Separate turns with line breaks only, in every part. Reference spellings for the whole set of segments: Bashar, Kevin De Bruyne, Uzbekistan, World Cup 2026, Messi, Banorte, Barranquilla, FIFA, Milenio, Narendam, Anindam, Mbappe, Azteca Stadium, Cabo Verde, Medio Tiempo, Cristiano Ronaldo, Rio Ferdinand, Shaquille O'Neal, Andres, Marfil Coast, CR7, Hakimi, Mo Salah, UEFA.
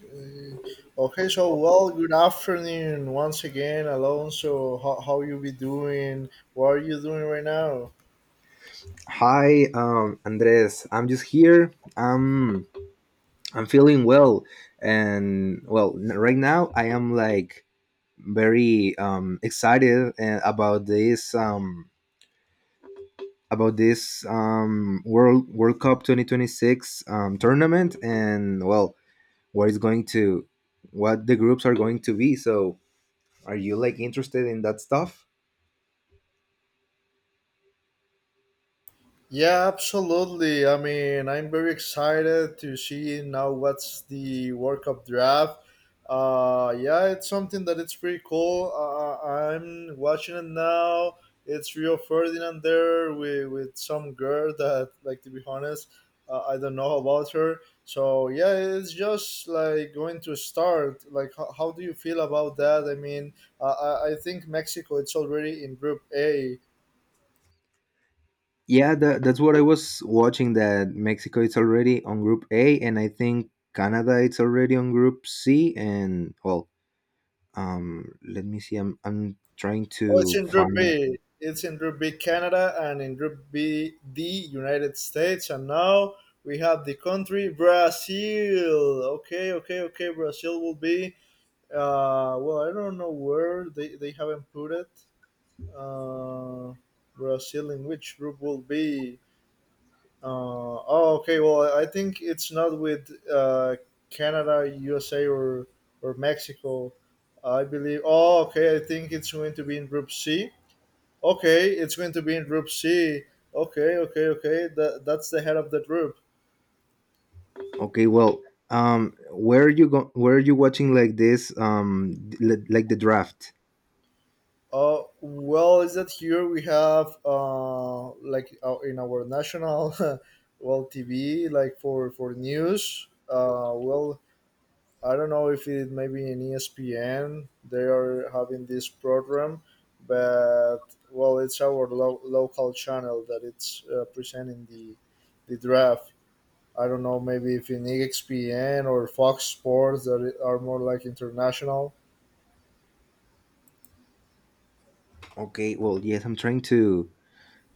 Uh, Okay, so well, good afternoon once again, Alonso. How you be doing? What are you doing right now?
Hi, Andres. I'm just here. I'm feeling well, and well, right now I am like very excited about this World Cup 2026 tournament, and well, what is going to what the groups are going to be. So, are you like interested in that stuff?
Yeah, absolutely. I mean, I'm very excited to see now what's the World Cup draft. Yeah, it's something that it's pretty cool. I'm watching it now. It's Rio Ferdinand there with some girl that, like, to be honest, I don't know about her. So yeah, it's just like going to start. Like, how do you feel about that? I mean, I think Mexico it's already in Group A.
Yeah, that's what I was watching. That Mexico is already on Group A, and I think Canada it's already on Group C. And well, let me see. I'm trying
Oh, it's
to
in Group
find.
B. It's in Group B, Canada, and in Group B, the United States. And now we have the country Brazil. Okay, okay, okay. Brazil will be. Well, I don't know where they haven't put it. Uh, Brazil in which group will be? Uh, oh, okay. Well, I think it's not with Canada, USA, or Mexico. I believe. Oh, okay. I think it's going to be in Group C. Okay, it's going to be in group C. Okay, okay, okay. That's the head of the group.
Okay, well, where are you go? where are you watching like this? Like the draft?
Well, is that here we have like in our national well TV like for news. Well, I don't know if it maybe in ESPN they are having this program, but well, it's our local channel that it's presenting the draft. I don't know, maybe if in EXPN or Fox Sports that are more like international.
Okay, well, yes, I'm trying to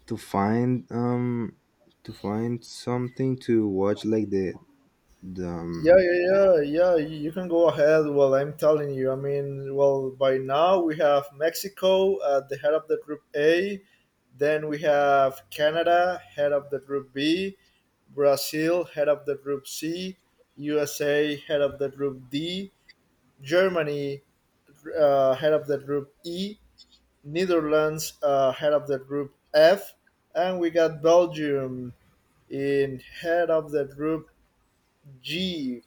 to find to find something to watch like the the
Yeah,
um,
yeah, yeah, yeah. You can go ahead. Well, I'm telling you. I mean, well, by now we have Mexico at the head of the group A. Then we have Canada, head of the group B. Brazil, head of the group C. USA, head of the group D. Germany, head of the group E. Netherlands head of the group F, and we got Belgium in head of the group G.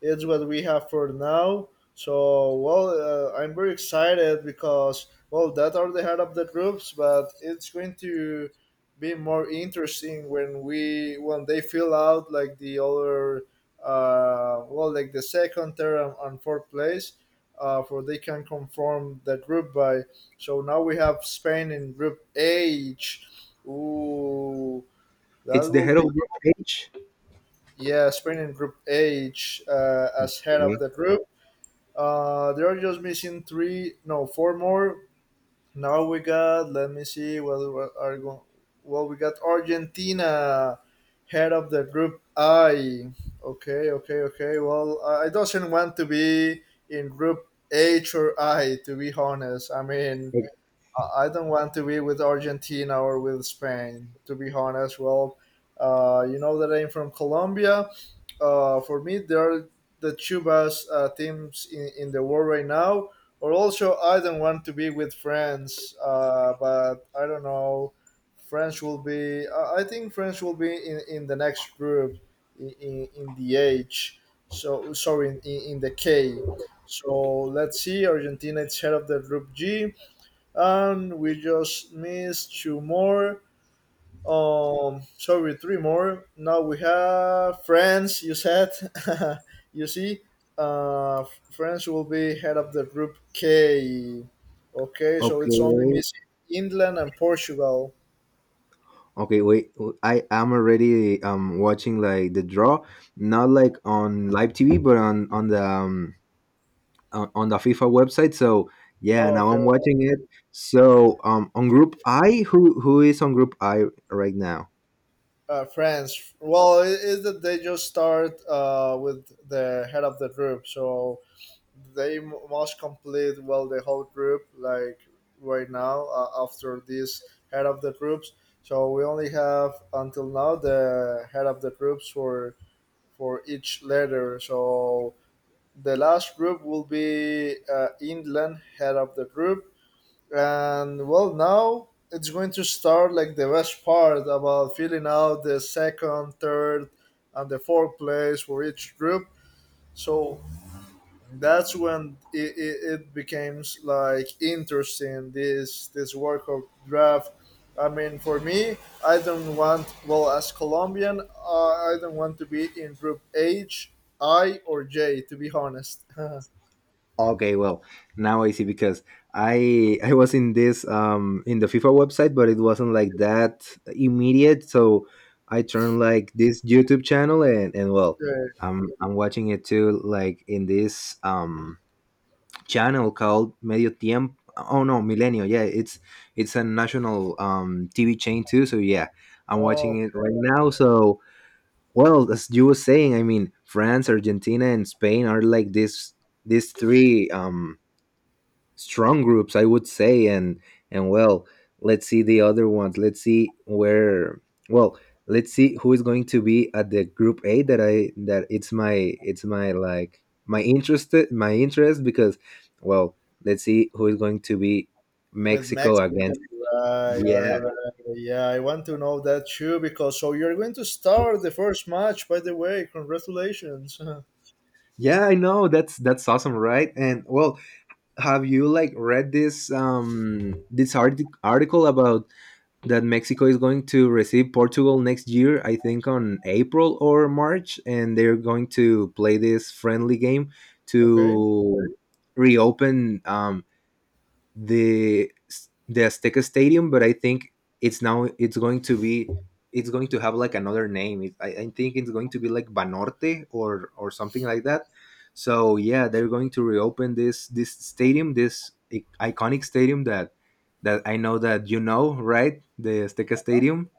It's what we have for now. So, well, I'm very excited because, well, that are the head of the groups, but it's going to be more interesting when they fill out like the other, well, like the second, third, and fourth place, for they can conform the group by. So now we have Spain in group H. Ooh,
It's
that
the
will
head of
be.
the page.
Yeah, Spain in group H as head
Okay.
of the group. They're just missing three, no, four more. Now we got. Let me see. What are going? Well, we got Argentina, head of the group I. Okay, okay, okay. Well, I doesn't want to be in group H or I. To be honest, I mean, I don't want to be with Argentina or with Spain. To be honest, well, you know that I'm from Colombia. For me, they are the two best teams in the world right now. Or also, I don't want to be with France, but I don't know. France will be. I think France will be in the next group, in the H. So sorry, in the K. So let's see. Argentina is head of the group G, and we just missed two more. Sorry, three more. Now we have France. You said, you see, uh, France will be head of the group K. Okay, so it's only
Okay.
missing England and Portugal.
Okay, wait. I am already watching like the draw, not like on live TV, but on the on the FIFA website. So yeah, now
Okay,
I'm watching it. So on Group I, who is on Group I right now?
France. Well, it is that they just start with the head of the group, so they must complete well the whole group like right now after this head of the groups. So we only have until now the head of the groups for each letter. So the last group will be England head of the group. And well, now it's going to start like the best part about filling out the second, third, and the fourth place for each group. So that's when it becomes like interesting this work of draft. I mean, for me, I don't want. Well, as Colombian, I don't want to be in group H, I, or J, to be honest.
Okay, well, now I see because I was in the FIFA website, but it wasn't like that immediate. So I turned like this YouTube channel and well.
Yeah.
I'm watching it too, like in this channel called Medio Tiempo. Oh no, Milenio. Yeah, it's a national TV chain too. So yeah, I'm
Oh,
watching it right now. So well, as you were saying, I mean, France, Argentina, and Spain are like this. These three strong groups I would say, and well, let's see the other ones. Let's see where. Well, let's see who is going to be at the Group A, that it's my like my interest because well, let's see who is going to be
with
Mexico
Mexico.
against.
Right, right,
Yeah,
right. Yeah, I want to know that too because so you're going to start the first match. By the way, congratulations.
yeah, I know, that's awesome, right? And well, have you like read this article about that Mexico is going to receive Portugal next year, I think on April or March, and they're going to play this friendly game
Okay.
to reopen the the Azteca Stadium, but I think it's now it's going to be it's going to have like another name. I think it's going to be like Banorte or something like that. So yeah, they're going to reopen this stadium, iconic stadium that I know that you know, right? The Azteca Stadium.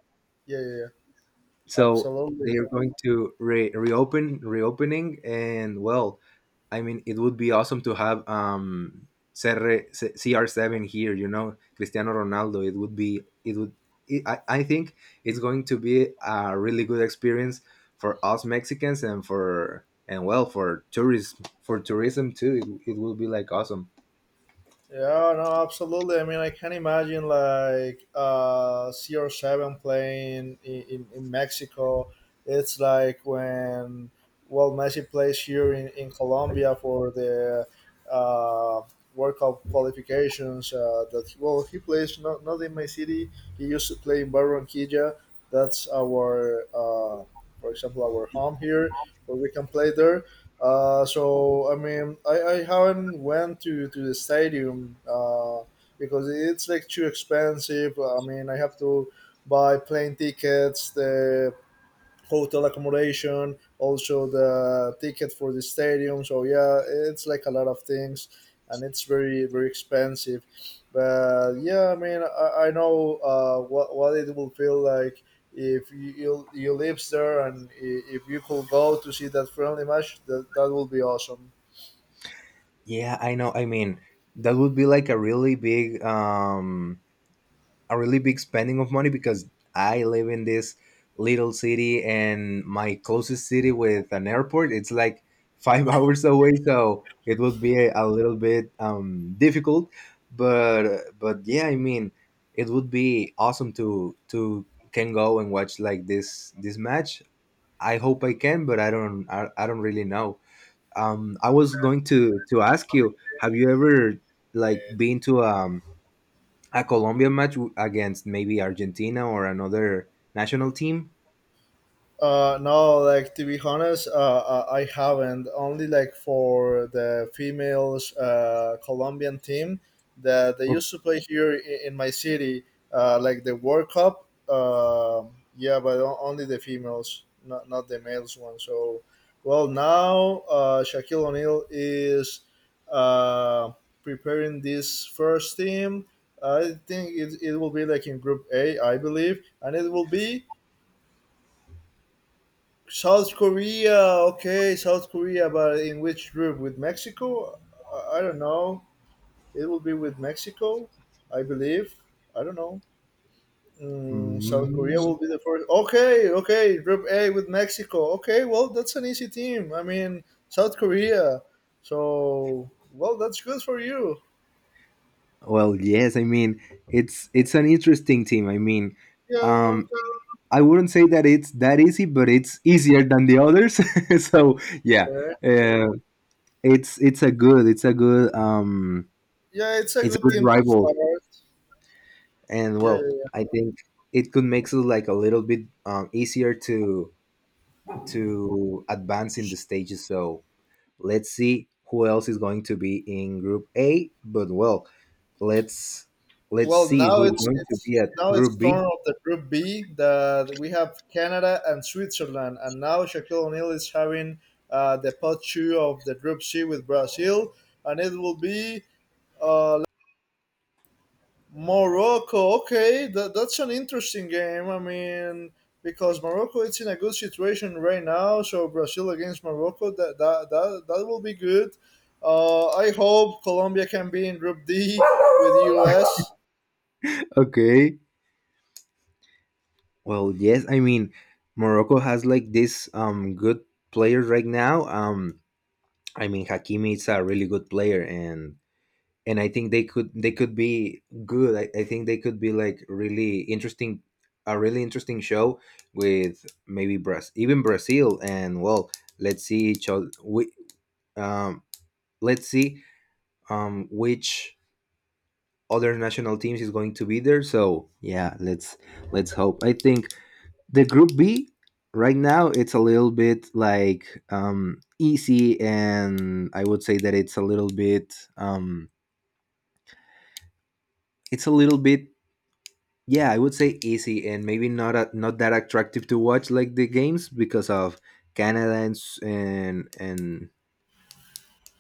Yeah, yeah, yeah.
So
Absolutely.
they're going to reopening, and well, I mean, it would be awesome to have CR7 here, Cristiano Ronaldo. It would be, it would, it, I think it's going to be a really good experience for us Mexicans and and well, for tourism, too. It will be like awesome.
Yeah, no, absolutely. I mean, I can imagine like CR7 playing in Mexico. It's like when, well, Messi plays here in Colombia for the uh, World Cup qualifications. That Well, he plays not in my city. He used to play in Barranquilla. That's our, for example, our home here where we can play there. So I mean, I haven't went to the stadium because it's like too expensive. I mean, I have to buy plane tickets, the hotel accommodation, also the ticket for the stadium. So yeah, it's like a lot of things, and it's very very expensive. But yeah, I mean, I know what it will feel like if you live there, and if you could go to see that friendly match, that will be awesome.
Yeah, I know. I mean, that would be like a really big spending of money because I live in this little city and my closest city with an airport it's like 5 hours away, so it would be a little bit difficult, but yeah, I mean, it would be awesome to can go and watch like this match. I hope I can, but I don't. I don't really know. I was going to ask you, have you ever like been to a Colombian match against maybe Argentina or another national team.
No, like to be honest, I haven't. Only like for the females Colombian team that they
O-
used to play here in my city, like the World Cup. Yeah, but only the females, not the males one. So, well, now Shaquille O'Neal is uh, preparing this first team. I think it will be like in Group A, I believe, and it will be. South Korea, okay, South Korea, but in which group? With Mexico? I don't know. It will be with Mexico, I believe. I don't know. South
Mm.
Korea will be the first. Okay, okay, Group A with Mexico. Okay, well, that's an easy team. I mean, South Korea. So, well, that's good for you.
Well, yes, I mean it's an interesting team. I mean,
Yeah,
um, I wouldn't say that it's that easy, but it's easier than the others. So yeah,
okay.
uh, it's a good it's a good
Yeah, it's a
it's a
good
good
team to
rival,
start.
and
Yeah,
well,
yeah.
I think it could make it like a little bit easier to advance in the stages. So let's see who else is going to be in Group A. But well, let's let's
Well,
see who is going to be at
now it's
Group B.
turn of the Group B. That we have Canada and Switzerland, and now Shaquille O'Neal is having the pot two of the Group C with Brazil, and it will be uh, Morocco. Okay, that's an interesting game. I mean, because Morocco it's in a good situation right now, so Brazil against Morocco that will be good. I hope Colombia can be in Group D with US.
Okay. Well, yes. I mean, Morocco has like this good players right now. I mean, Hakimi is a really good player, and I think they could be good. I think they could be like really interesting, a really interesting show with maybe Brazil, even Brazil, and well, let's see each other. We um let's see which other national teams is going to be there. So yeah, let's hope. I think the Group B right now it's a little bit like easy, and I would say that it's a little bit, it's a little bit yeah, I would say easy and maybe not a, not that attractive to watch like the games because of Canada and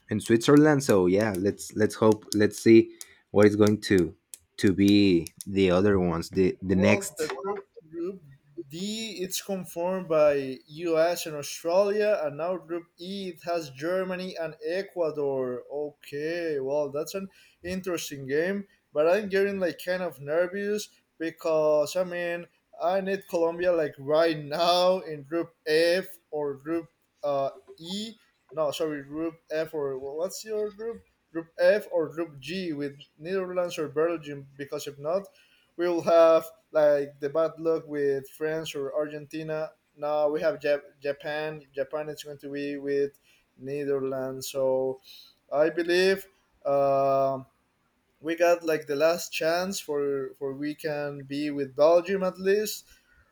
in Switzerland. So yeah, let's hope, let's see what is going to be the other ones, the
Well, the
next.
group Group D it's conformed by U.S. and Australia, and now Group E it has Germany and Ecuador. Okay, well that's an interesting game, but I'm getting like kind of nervous because I mean I need Colombia like right now in Group F or Group uh, E. No, sorry, Group F or well, what's your group? Group F or Group G with Netherlands or Belgium because if not we will have like the bad luck with France or Argentina. Now we have Japan. Japan is going to be with Netherlands. So I believe uh, we got like the last chance for we can be with Belgium at least,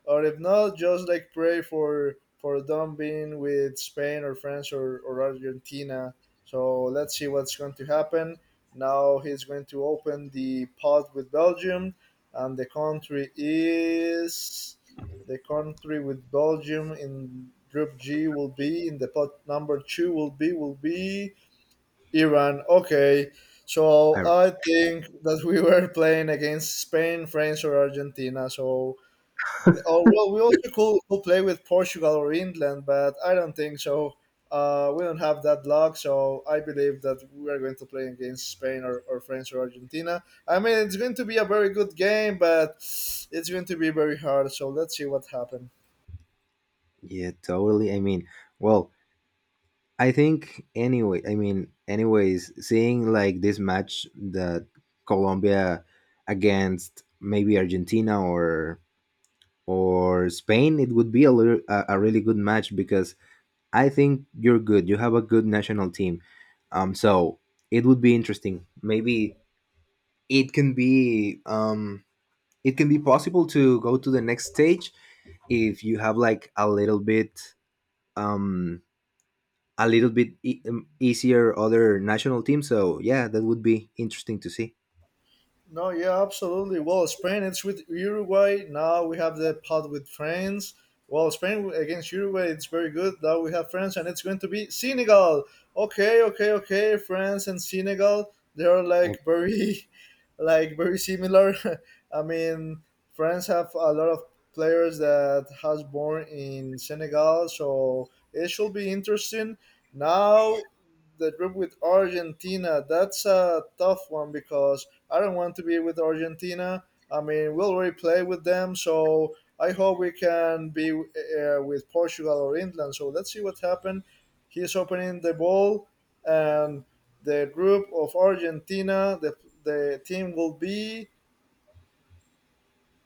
or if not, just like pray for them being with Spain or France or Argentina. So let's see what's going to happen. Now he's going to open the pot with Belgium, and the country with Belgium in Group G will be in the pot number two will be Iran. Okay, so
I,
I think that we were playing against Spain, France, or Argentina. So, oh well, we also could play with Portugal or England, but I don't think so. We don't have that luck, so I believe that we are going to play against Spain or France or Argentina. I mean, it's going to be a very good game, but it's going to be very hard. So let's see what happens.
yeah, totally. I mean, well, I think anyway. I mean, anyways, seeing like this match that Colombia against maybe Argentina or Spain, it would be a little, a really good match because I think you're good. You have a good national team. So it would be interesting. Maybe it can be um, it can be possible to go to the next stage if you have like a little bit, um, easier other national team. So yeah, that would be interesting to see.
No, yeah, absolutely. Well, Spain it's with Uruguay. Now we have the pot with France. Well, Spain against Uruguay, it's very good. Now we have France, and it's going to be Senegal. Okay, okay, okay. France and Senegal, they are like very, like very similar. I mean, France have a lot of players that has born in Senegal, so it should be interesting. Now the group with Argentina, that's a tough one because I don't want to be with Argentina. I mean, we already play with them, so I hope we can be with Portugal or England. So let's see what happens. He's opening the ball, and the group of Argentina, the team will be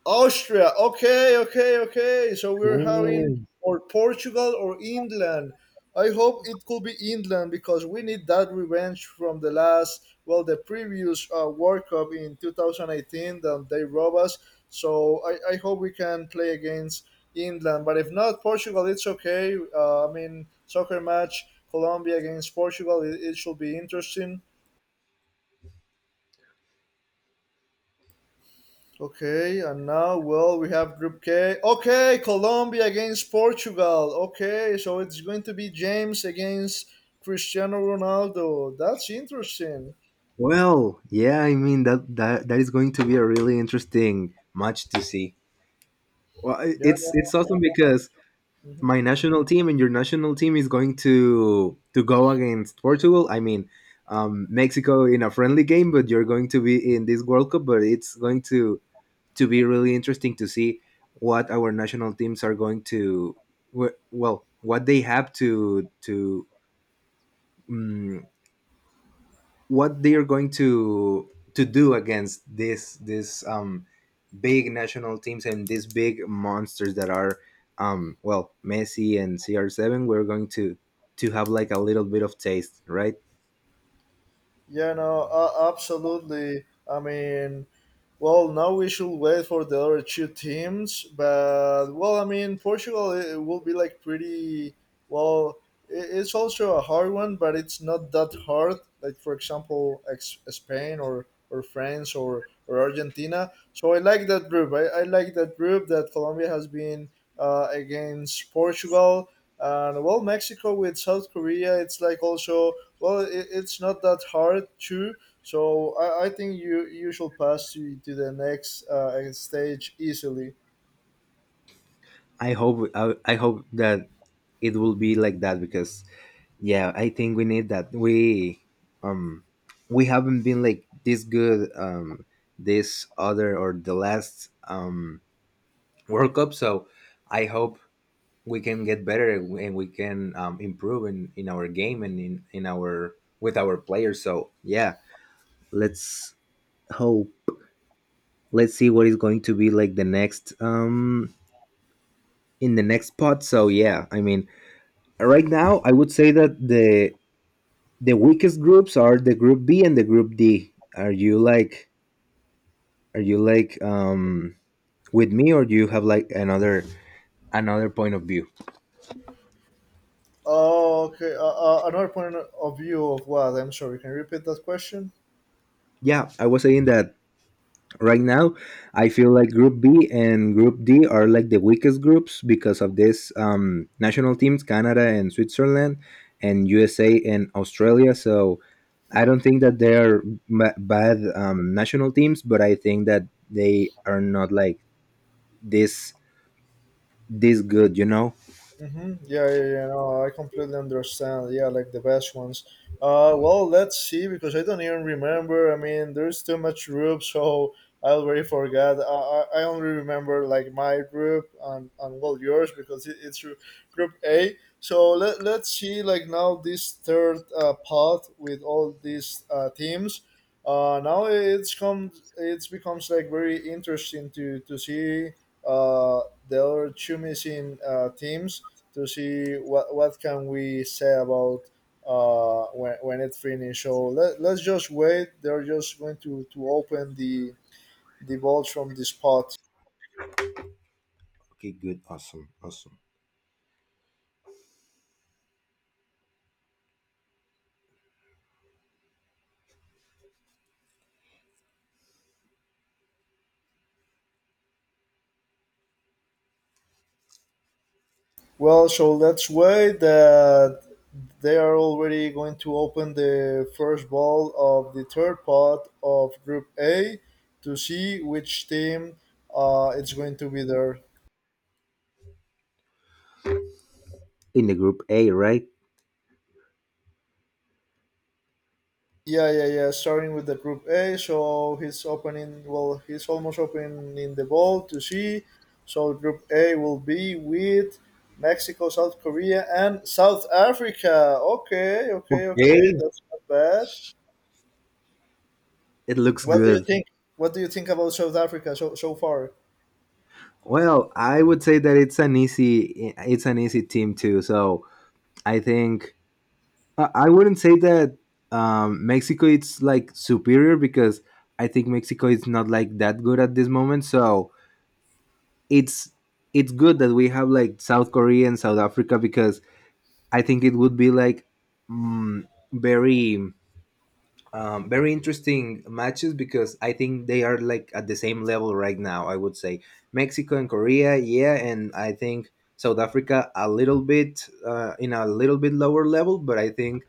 Austria. Okay, okay, okay. So we're having
Okay.
or Portugal or England. I hope it could be England because we need that revenge from the last, well, the previous World Cup in 2018 that they robbed us. So I hope we can play against England. But if not, Portugal, it's okay. I mean, soccer match, Colombia against Portugal, it should be interesting. Okay, and now, well, we have Group K. Okay, Colombia against Portugal. Okay, so it's going to be James against Cristiano Ronaldo. That's interesting.
Well, yeah, I mean that is going to be a really interesting match to see. Well, i-
Yeah. No,
it's it's awesome
so-
because
mhm.
my national team and your national team is going to go against Portugal. I mean, Mexico in a friendly game, but you're going to be in this World Cup. But it's going to be really interesting to see what our national teams are going to, well, what they have to, um, what they are going to do against this big national teams and these big monsters that are well, Messi and CR7, we're going to have like a little bit of taste, right?
Yeah, no, absolutely. I mean, well, now we should wait for the other two teams, but well, I mean, Portugal it will be like pretty well. It's also a hard one, but it's not that hard. Like for example, Spain or France or Argentina. So I like that group. I like that group that Colombia has been against Portugal and well, Mexico with South Korea. It's like also. Well, it's not that hard too. So I think you should pass to the next stage easily.
I hope that it will be like that, because yeah, I think we need that um we haven't been like this good, this other or the last World Cup. So I hope we can get better and we can improve in our game and in our with our players, so yeah, let's hope, let's see what is going to be like the next, in the next spot. So yeah, I mean, right now I would say that the weakest groups are the Group B and the Group D. Are you like with me, or do you have like another point of view?
Oh, okay. Another point of view of what? I'm sorry. Can you repeat that question?
Yeah, I was saying that right now I feel like Group B and Group D are like the weakest groups because of this national teams, Canada and Switzerland and USA and Australia. So I don't think that they are bad national teams, but I think that they are not like this this good.
Mm-hmm. Yeah, yeah, yeah. No, I completely understand. Yeah, like the best ones. Well, let's see because I don't even remember. I mean, there's too much group, so I already forgot. I only remember like my group and well yours because it's your group A. So let's see like now this third part with all these teams. Now it's come it's becomes like very interesting to see uh, the other two missing teams to see what can we say about when it finished. So let's just wait. They're just going to open the vault from this pot.
Okay, good. Awesome, awesome.
Well, so let's wait. That they are already going to open the first ball of the third pot of Group A to see which team it's going to be there.
In the Group A, right?
Yeah, yeah, yeah. Starting with the group A, so he's opening. Well, he's almost opening the ball to C. So group A will be with Mexico, South Korea, and South Africa. Okay, okay, okay.
Okay,
That's not bad.
it looks
What do you
good.
think? What do you think about South Africa so far?
Well, I would say that it's an easy team too. So I think I wouldn't say that Mexico is like superior because I think Mexico is not like that good at this moment. So it's it's good that we have like South Korea and South Africa because I think it would be like very very interesting matches because I think they are like at the same level right now. I would say Mexico and Korea, yeah, and I think South Africa a little bit in a little bit lower level, but I think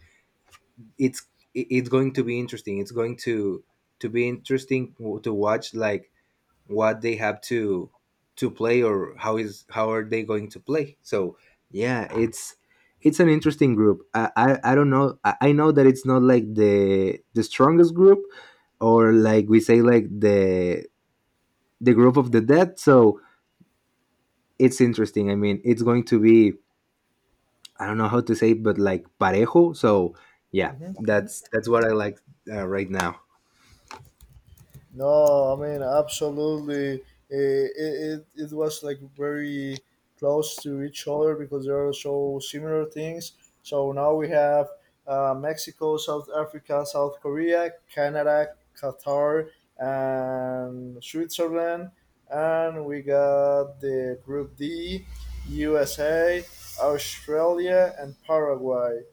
it's it's going to be interesting. It's going to be interesting, to watch like what they have to play or how are they going to play. So yeah, it's an interesting group. I don't know. I know that it's not like the strongest group or like we say, like the group of the dead. So it's interesting. I mean, it's going to be, I don't know how to say it, but like parejo. So yeah,
Hmm.
that's what I like right now.
No, I mean absolutely. It was like very close to each other because there are so similar things. So now we have Mexico, South Africa, South Korea, Canada, Qatar, and Switzerland, and we got the Group D, USA, Australia, and Paraguay.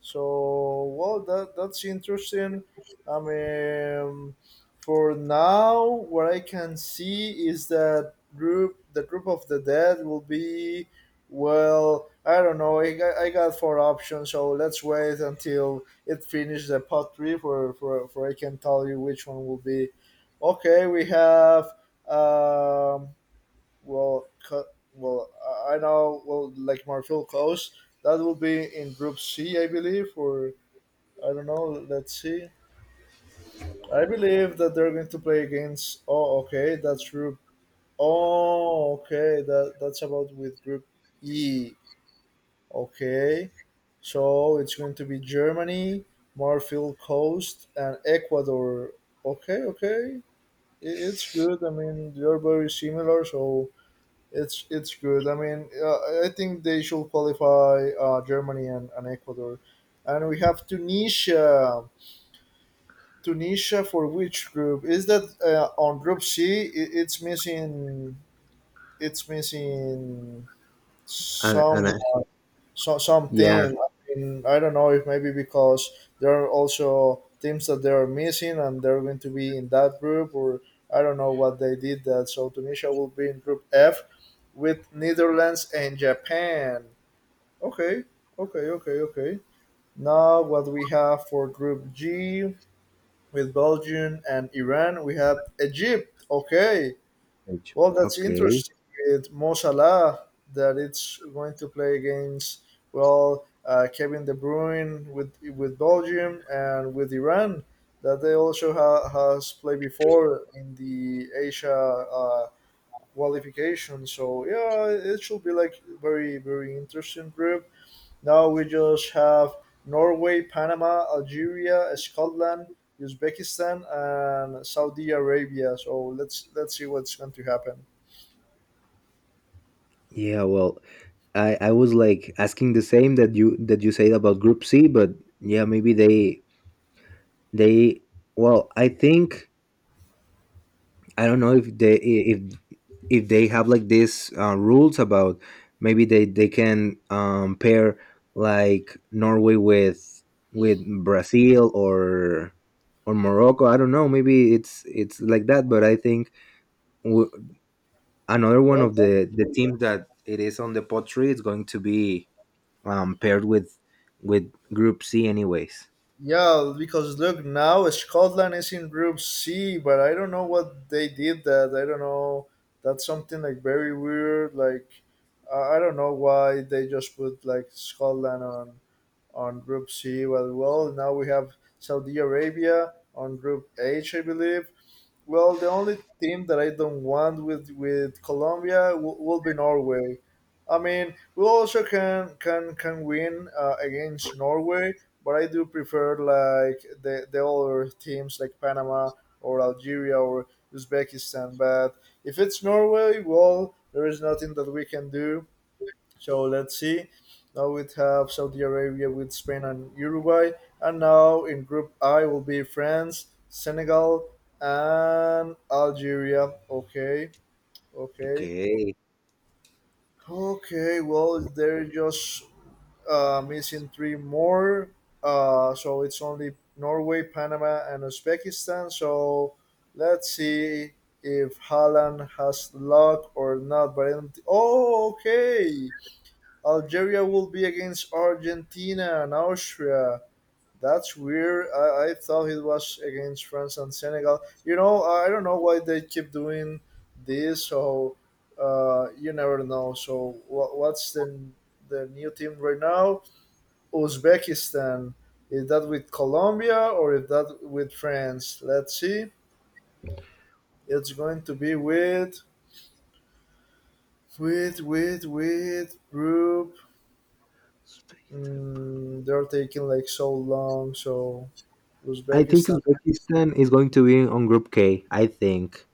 So well, that that's interesting. I mean. For now, what I can see is that group, the group of the dead, will be well. I don't know. I got four options, so let's wait until it finishes the pot three for I can tell you which one will be. Okay, we have um well well I know well like Marfil Coast that will be in group C I believe or I don't know. Let's see. I believe that they're going to play against. Oh, okay, that's group. Oh, okay, that that's about with group E. Okay, so it's going to be Germany, Marfil Coast, and Ecuador. Okay, okay, it's good. I mean, they're very similar, so it's good. I mean, I think they should qualify Germany and Ecuador, and we have Tunisia. Tunisia for which group? Is that on Group C? It's missing. It's missing
And
some so, some
yeah,
team. I mean, I don't know if maybe because there are also teams that they are missing and they're going to be in that group, or I don't know what they did that. So Tunisia will be in Group F with Netherlands and Japan. Okay, okay, okay, okay. Now what we have for Group G? With Belgium and Iran. We have Egypt. Okay,
Paige.
well that's
Okay,
interesting with Mo Salah that it's going to play against well Kevin De Bruyne with Belgium and with Iran that they also has played before in the Asia qualification. So yeah, it should be like very very interesting group. Now we just have Norway, Panama, Algeria, Scotland, Uzbekistan, and Saudi Arabia. So let's see what's going to happen.
yeah. Well, I was like asking the same that you said about Group C, but yeah, maybe they. Well, I think I don't know if they have like these rules about maybe they can pair like Norway with Brazil or Morocco. I don't know. Maybe it's like that, but I think w- another one
Well,
of the teams that it is on the pottery is going to be paired with Group C, anyways.
yeah, because look now Scotland is in Group C, but I don't know what they did. That I don't know. That's something like very weird. Like I don't know why they just put like Scotland on Group C. Well, well now we have Saudi Arabia on Group H, I believe. Well, the only team that I don't want with Colombia will be Norway. I mean, we also can can win against Norway, but I do prefer like the other teams like Panama or Algeria or Uzbekistan. But if it's Norway, well, there is nothing that we can do. So let's see. Now we have Saudi Arabia with Spain and Uruguay. And now in Group I will be France, Senegal, and Algeria. Okay, okay,
Okay.
okay. Well, they're just missing three more. So it's only Norway, Panama, and Uzbekistan. So let's see if Holland has luck or not. But I don't- thi- oh, okay. Algeria will be against Argentina and Austria. That's weird. I thought it was against France and Senegal. You know, I don't know why they keep doing this. So you never know. So what's the new team right now? Uzbekistan. Is that with Colombia or is that with France? Let's see. It's going to be with group. Mm, they're taking like so long. So
I think
Uzbekistan.
Uzbekistan is going to be on Group K. I think.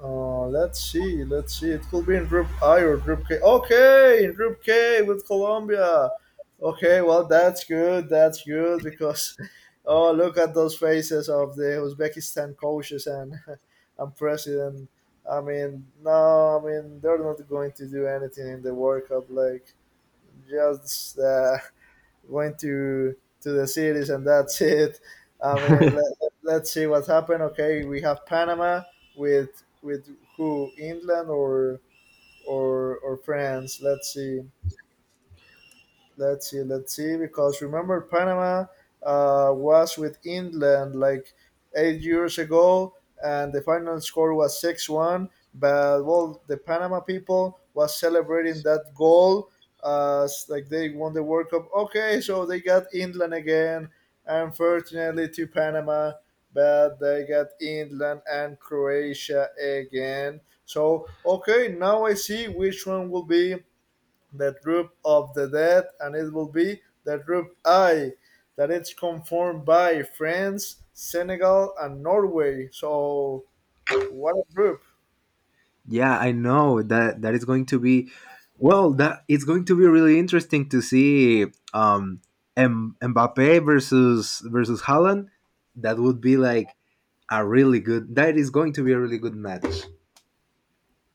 Let's see. Let's see. It could be in Group I or Group K. Okay, in Group K with Colombia. Okay, well that's good. That's good because oh look at those faces of the Uzbekistan coaches and and president. I mean, no, I mean they're not going to do anything in the World Cup. Like just went to the cities and that's it. I mean, let's see what happened. Okay, we have Panama with who England or or France. Let's see. Let's see, because remember Panama was with England like 8 years ago, and the final score was 6-1. But well, the Panama people was celebrating that goal as like they won the World Cup. Okay, so they got England again. Unfortunately, to Panama, but they got England and Croatia again. So okay, now I see which one will be the droop of the dead, and it will be the droop I that it's conformed by France, Senegal, and Norway. So what a group!
Yeah, I know that that is going to be. Well, that it's going to be really interesting to see um, Mbappe versus Holland. That would be like a really good. That is going to be a really good match.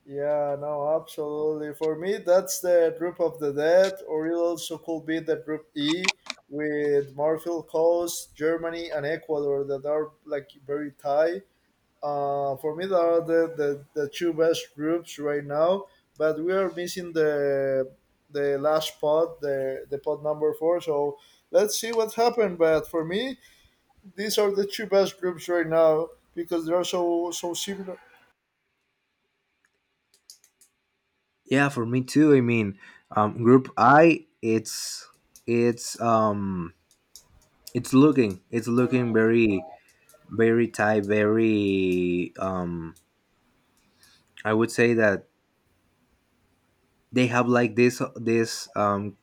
Yeah, no, absolutely. For me, that's the group of the dead, or it also could be the group E with Marfil Coast, Germany, and Ecuador that are like very tight. For me, there are the two best groups right now, but we are missing the last pod, the pod number four. So let's see what happened. But for me, these are the two best groups right now because they are so similar.
Yeah, for me too. I mean, Group I, it's um it's looking very very tight, very I would say that they have like this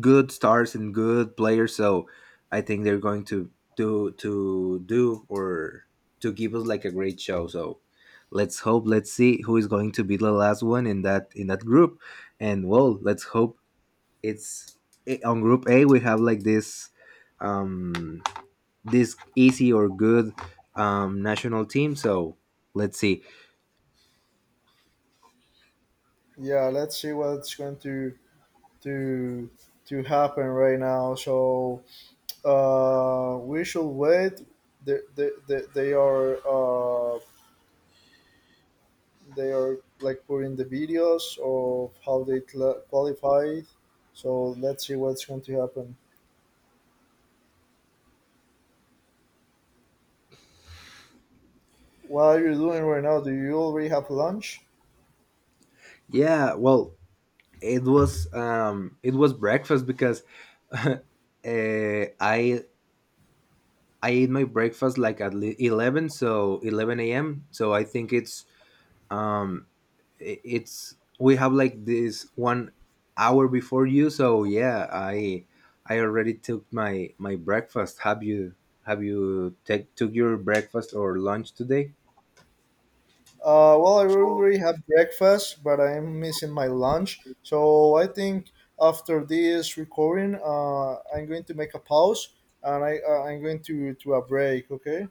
good stars and good players, so I think they're going to do or to give us like a great show. So let's hope, let's see who is going to be the last one in that group, and well, let's hope it's on group A we have like this um this easy or good national team so let's see.
Yeah, let's see what's going to to happen right now. So we should wait. They, they, they, they are uh, they are like putting the videos of how they cla qualified. So let's see what's going to happen. What are you doing right now? Do you already have lunch?
Yeah, well, it was breakfast because uh, I I eat my breakfast like at 11, so 11 a.m. So I think it's um it's we have like this 1 hour before you. So yeah, I already took my my breakfast. Have you, have you take took your breakfast or lunch today?
Well, I already have breakfast, but I'm missing my lunch. So I think after this recording, I'm going to make a pause and I'm going to a break. Okay.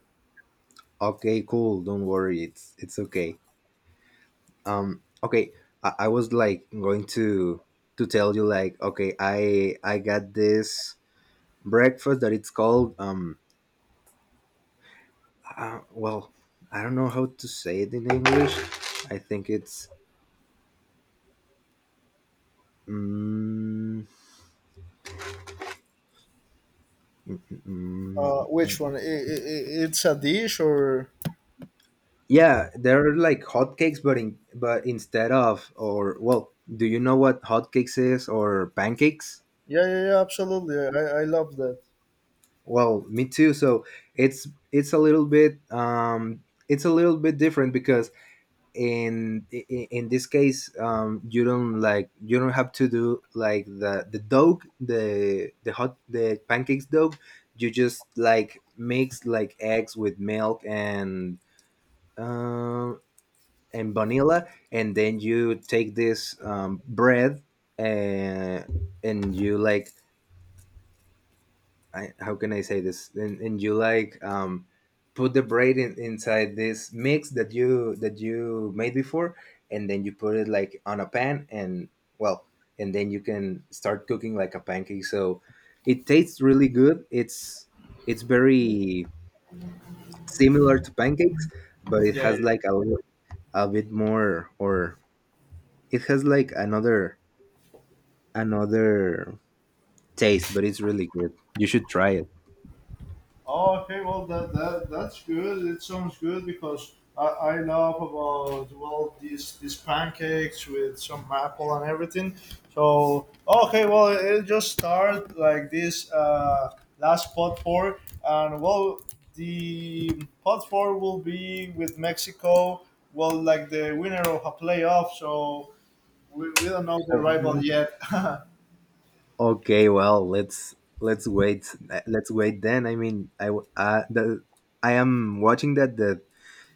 Okay, cool, don't worry, it's okay. Okay, I was like going to tell you like, okay, I got this breakfast that it's called well, I don't know how to say it in English. I think it's mm Mm, mm,
Which one?
mm.
I It's a dish or?
Yeah, they're like hotcakes, but in, but instead of, or well, do you know what hotcakes is, or pancakes?
Yeah, yeah, yeah, absolutely. I love that.
Well, me too. So it's it's a little bit it's a little bit different because in this case you don't like you don't have to do like the dough the hot the pancakes dough. You just like mix like eggs with milk um and vanilla, and then you take this bread and and you like, I, how can I say this? And you like put the bread in, inside this mix that you made before, and then you put it like on a pan, and well, and then you can start cooking like a pancake. So it tastes really good. It's very similar to pancakes, but it
Yeah, yeah.
has like a little, a bit more, or it has like another taste, but it's really good. You should try it.
Oh, okay. Well, that's good. It sounds good because I love about well these pancakes with some apple and everything. So ah, okay, well it just started like this last pot four, and well the pot four will be with Mexico. Well, like the winner of a playoff. So we don't know the rival
Oh,
yet.
okay, well, let's wait. Let's wait then. I mean, I w- the I am watching that that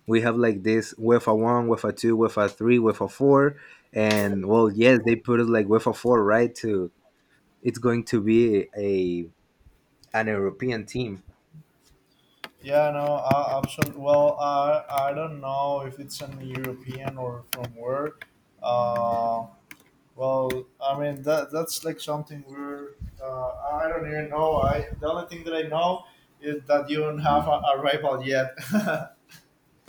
we have like this UEFA one, UEFA two, UEFA three, UEFA four, and well, yes, they put it like UEFA four, right? To it's going to be a an European team.
Yeah, no, absolutely. Well, I don't know if it's an European or from where. Uh, well, I mean that that's like something we're. Uh, I don't even know. I the only thing that I know is that you don't have a rival yet.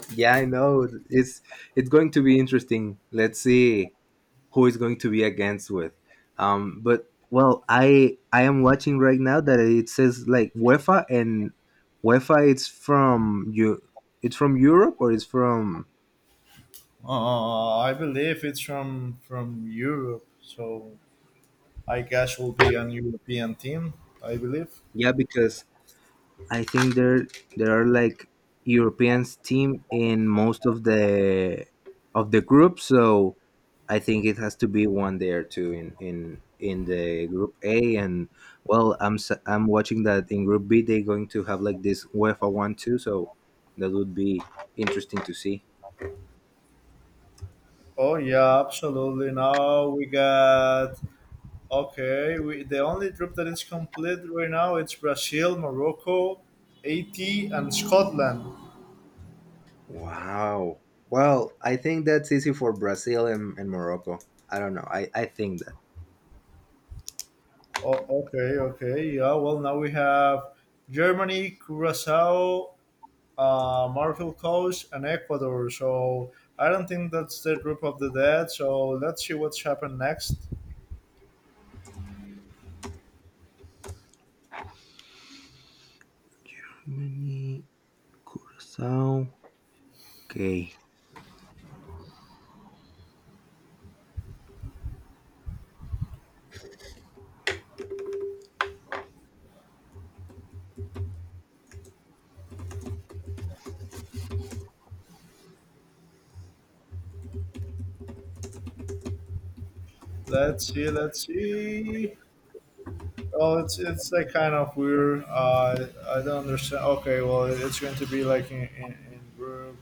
Yeah, I know. It's going to be interesting. Let's see who is going to be against with. But well, I am watching right now that it says like UEFA and UEFA. It's from you. It's from Europe or it's from.
I believe it's from Europe, so I guess will be an European team. I believe.
Yeah, because I think there are like Europeans team in most of the group, so I think it has to be one there too in in the group A. And well, I'm watching that in group B they're going to have like this UEFA one too, so that would be interesting to see.
Oh yeah, absolutely. Now we got. Okay, we, the only group that is complete right now it's Brazil, Morocco, Haiti, and Scotland.
Wow. Well, I think that's easy for Brazil and Morocco. I don't know. I think that.
Oh, okay, okay, yeah. Well, now we have Germany, Curacao, Marshall Coast, and Ecuador. So I don't think that's the group of the dead. So let's see what's happened next.
Germany, Curacao. Okay.
Let's see, let's see. Oh, it's like kind of weird. I don't understand. Okay, well, it's going to be like in group.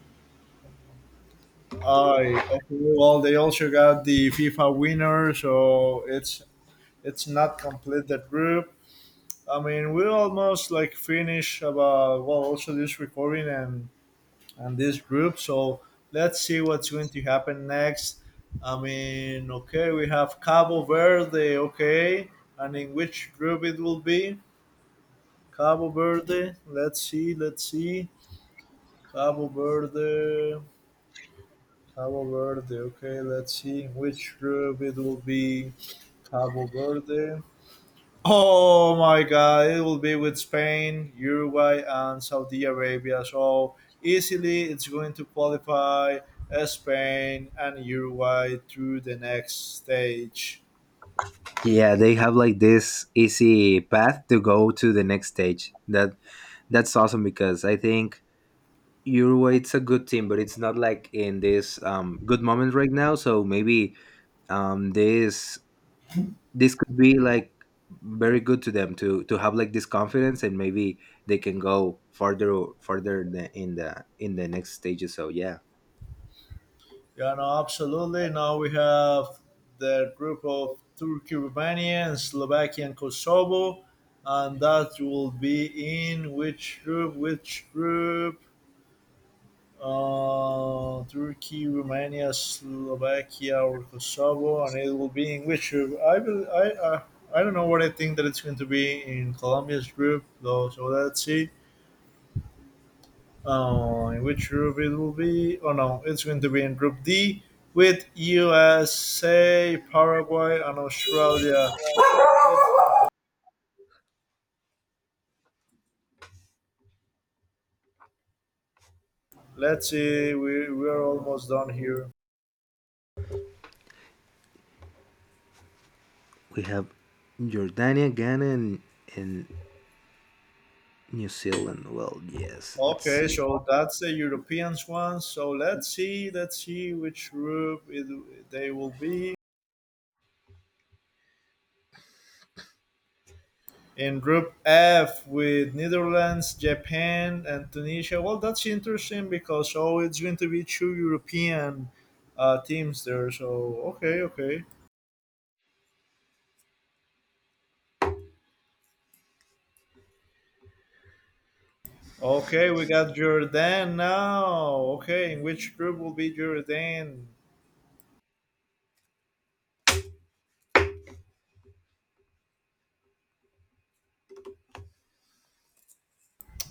I okay. Well, they also got the FIFA winner, so it's not complete the group. I mean, we almost like finish about well, also this recording and this group. So let's see what's going to happen next. I mean, okay, we have Cabo Verde, okay, and in which group it will be? Cabo Verde. Let's see. Let's see. Cabo Verde. Cabo Verde. Okay, let's see which group it will be. Cabo Verde. Oh my God, it will be with Spain, Uruguay, and Saudi Arabia. So easily, it's going to qualify Spain and Uruguay through the next stage.
Yeah, they have like this easy path to go to the next stage. That that's awesome because I think Uruguay it's a good team, but it's not like in this good moment right now. So maybe um, this this could be like very good to them to have like this confidence and maybe they can go further further in in the next stages. So yeah,
Yeah, no, absolutely. Now we have the group of Turkey, Romania, and Slovakia and Kosovo, and that will be in which group? Which group? Turkey, Romania, Slovakia, or Kosovo, and it will be in which group? I will. I don't know what I think that it's going to be in Colombia's group, though. So let's see. In which group it will be? Oh no, it's going to be in Group D with USA, Paraguay, and Australia. Let's see. We are almost done here.
we have Jordania, Ghana, and New Zealand. Well, yes, let's
Okay,
see.
so that's the Europeans one. So let's see which group they will be. In Group F with Netherlands, Japan, and Tunisia. Well, that's interesting because oh, it's going to be two European teams there. So okay, okay, okay. We got Jordan now. Okay, in which group will be Jordan?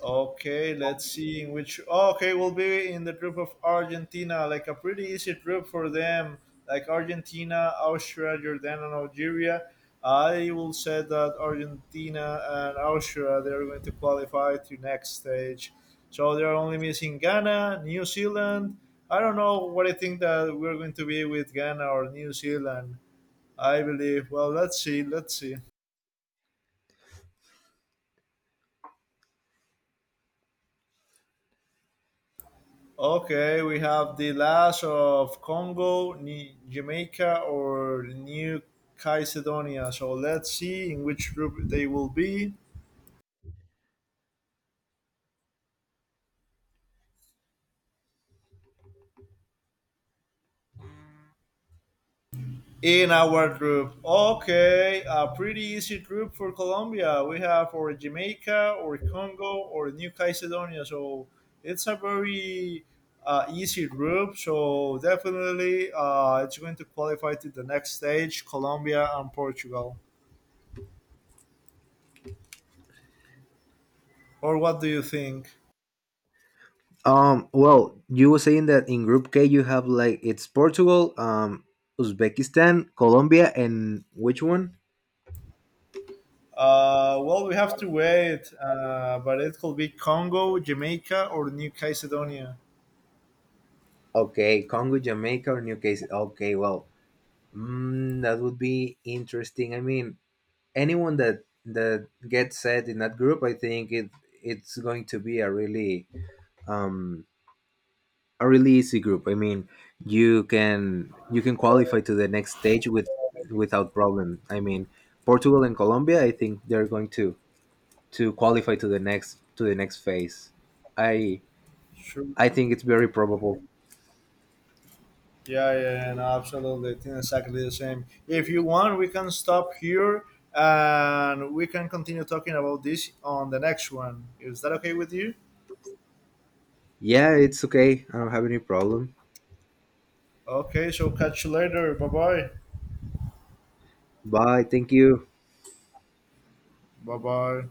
Okay, let's see in which. Oh, okay, we'll be in the group of Argentina, like a pretty easy group for them, like Argentina, Austria, Jordan, and Algeria. I will say that Argentina and Austria they are going to qualify to next stage. So they are only missing Ghana, New Zealand. I don't know what I think that we're going to be with Ghana or New Zealand. I believe. Well, let's see. Let's see. Okay, we have the last of Congo, Jamaica, or New Caledonia. So let's see in which group they will be. In our group, okay, a pretty easy group for Colombia. We have or Jamaica, or Congo, or New Caledonia. So it's a very easy group. So definitely, it's going to qualify to the next stage, Colombia and Portugal. Or what do you think?
Well, you were saying that in Group K you have like it's Portugal, Uzbekistan, Colombia, and which one?
Well, we have to wait, but it could be Congo, Jamaica, or New Caledonia.
Okay, Congo, Jamaica, or New Case. Okay, well, that would be interesting. I mean, anyone that that gets set in that group, I think it's going to be um a really easy group. I mean, you can qualify to the next stage with without problem. I mean, Portugal and Colombia, I think they're going to. To qualify to the next phase. I
Sure.
I think it's very probable.
Yeah, yeah, yeah, no, absolutely. It's exactly the same. If you want, we can stop here and we can continue talking about this on the next one. Is that okay with you?
Yeah, it's okay. I don't have any problem.
Okay, so catch you later. Bye bye.
Bye. Thank you.
Bye bye.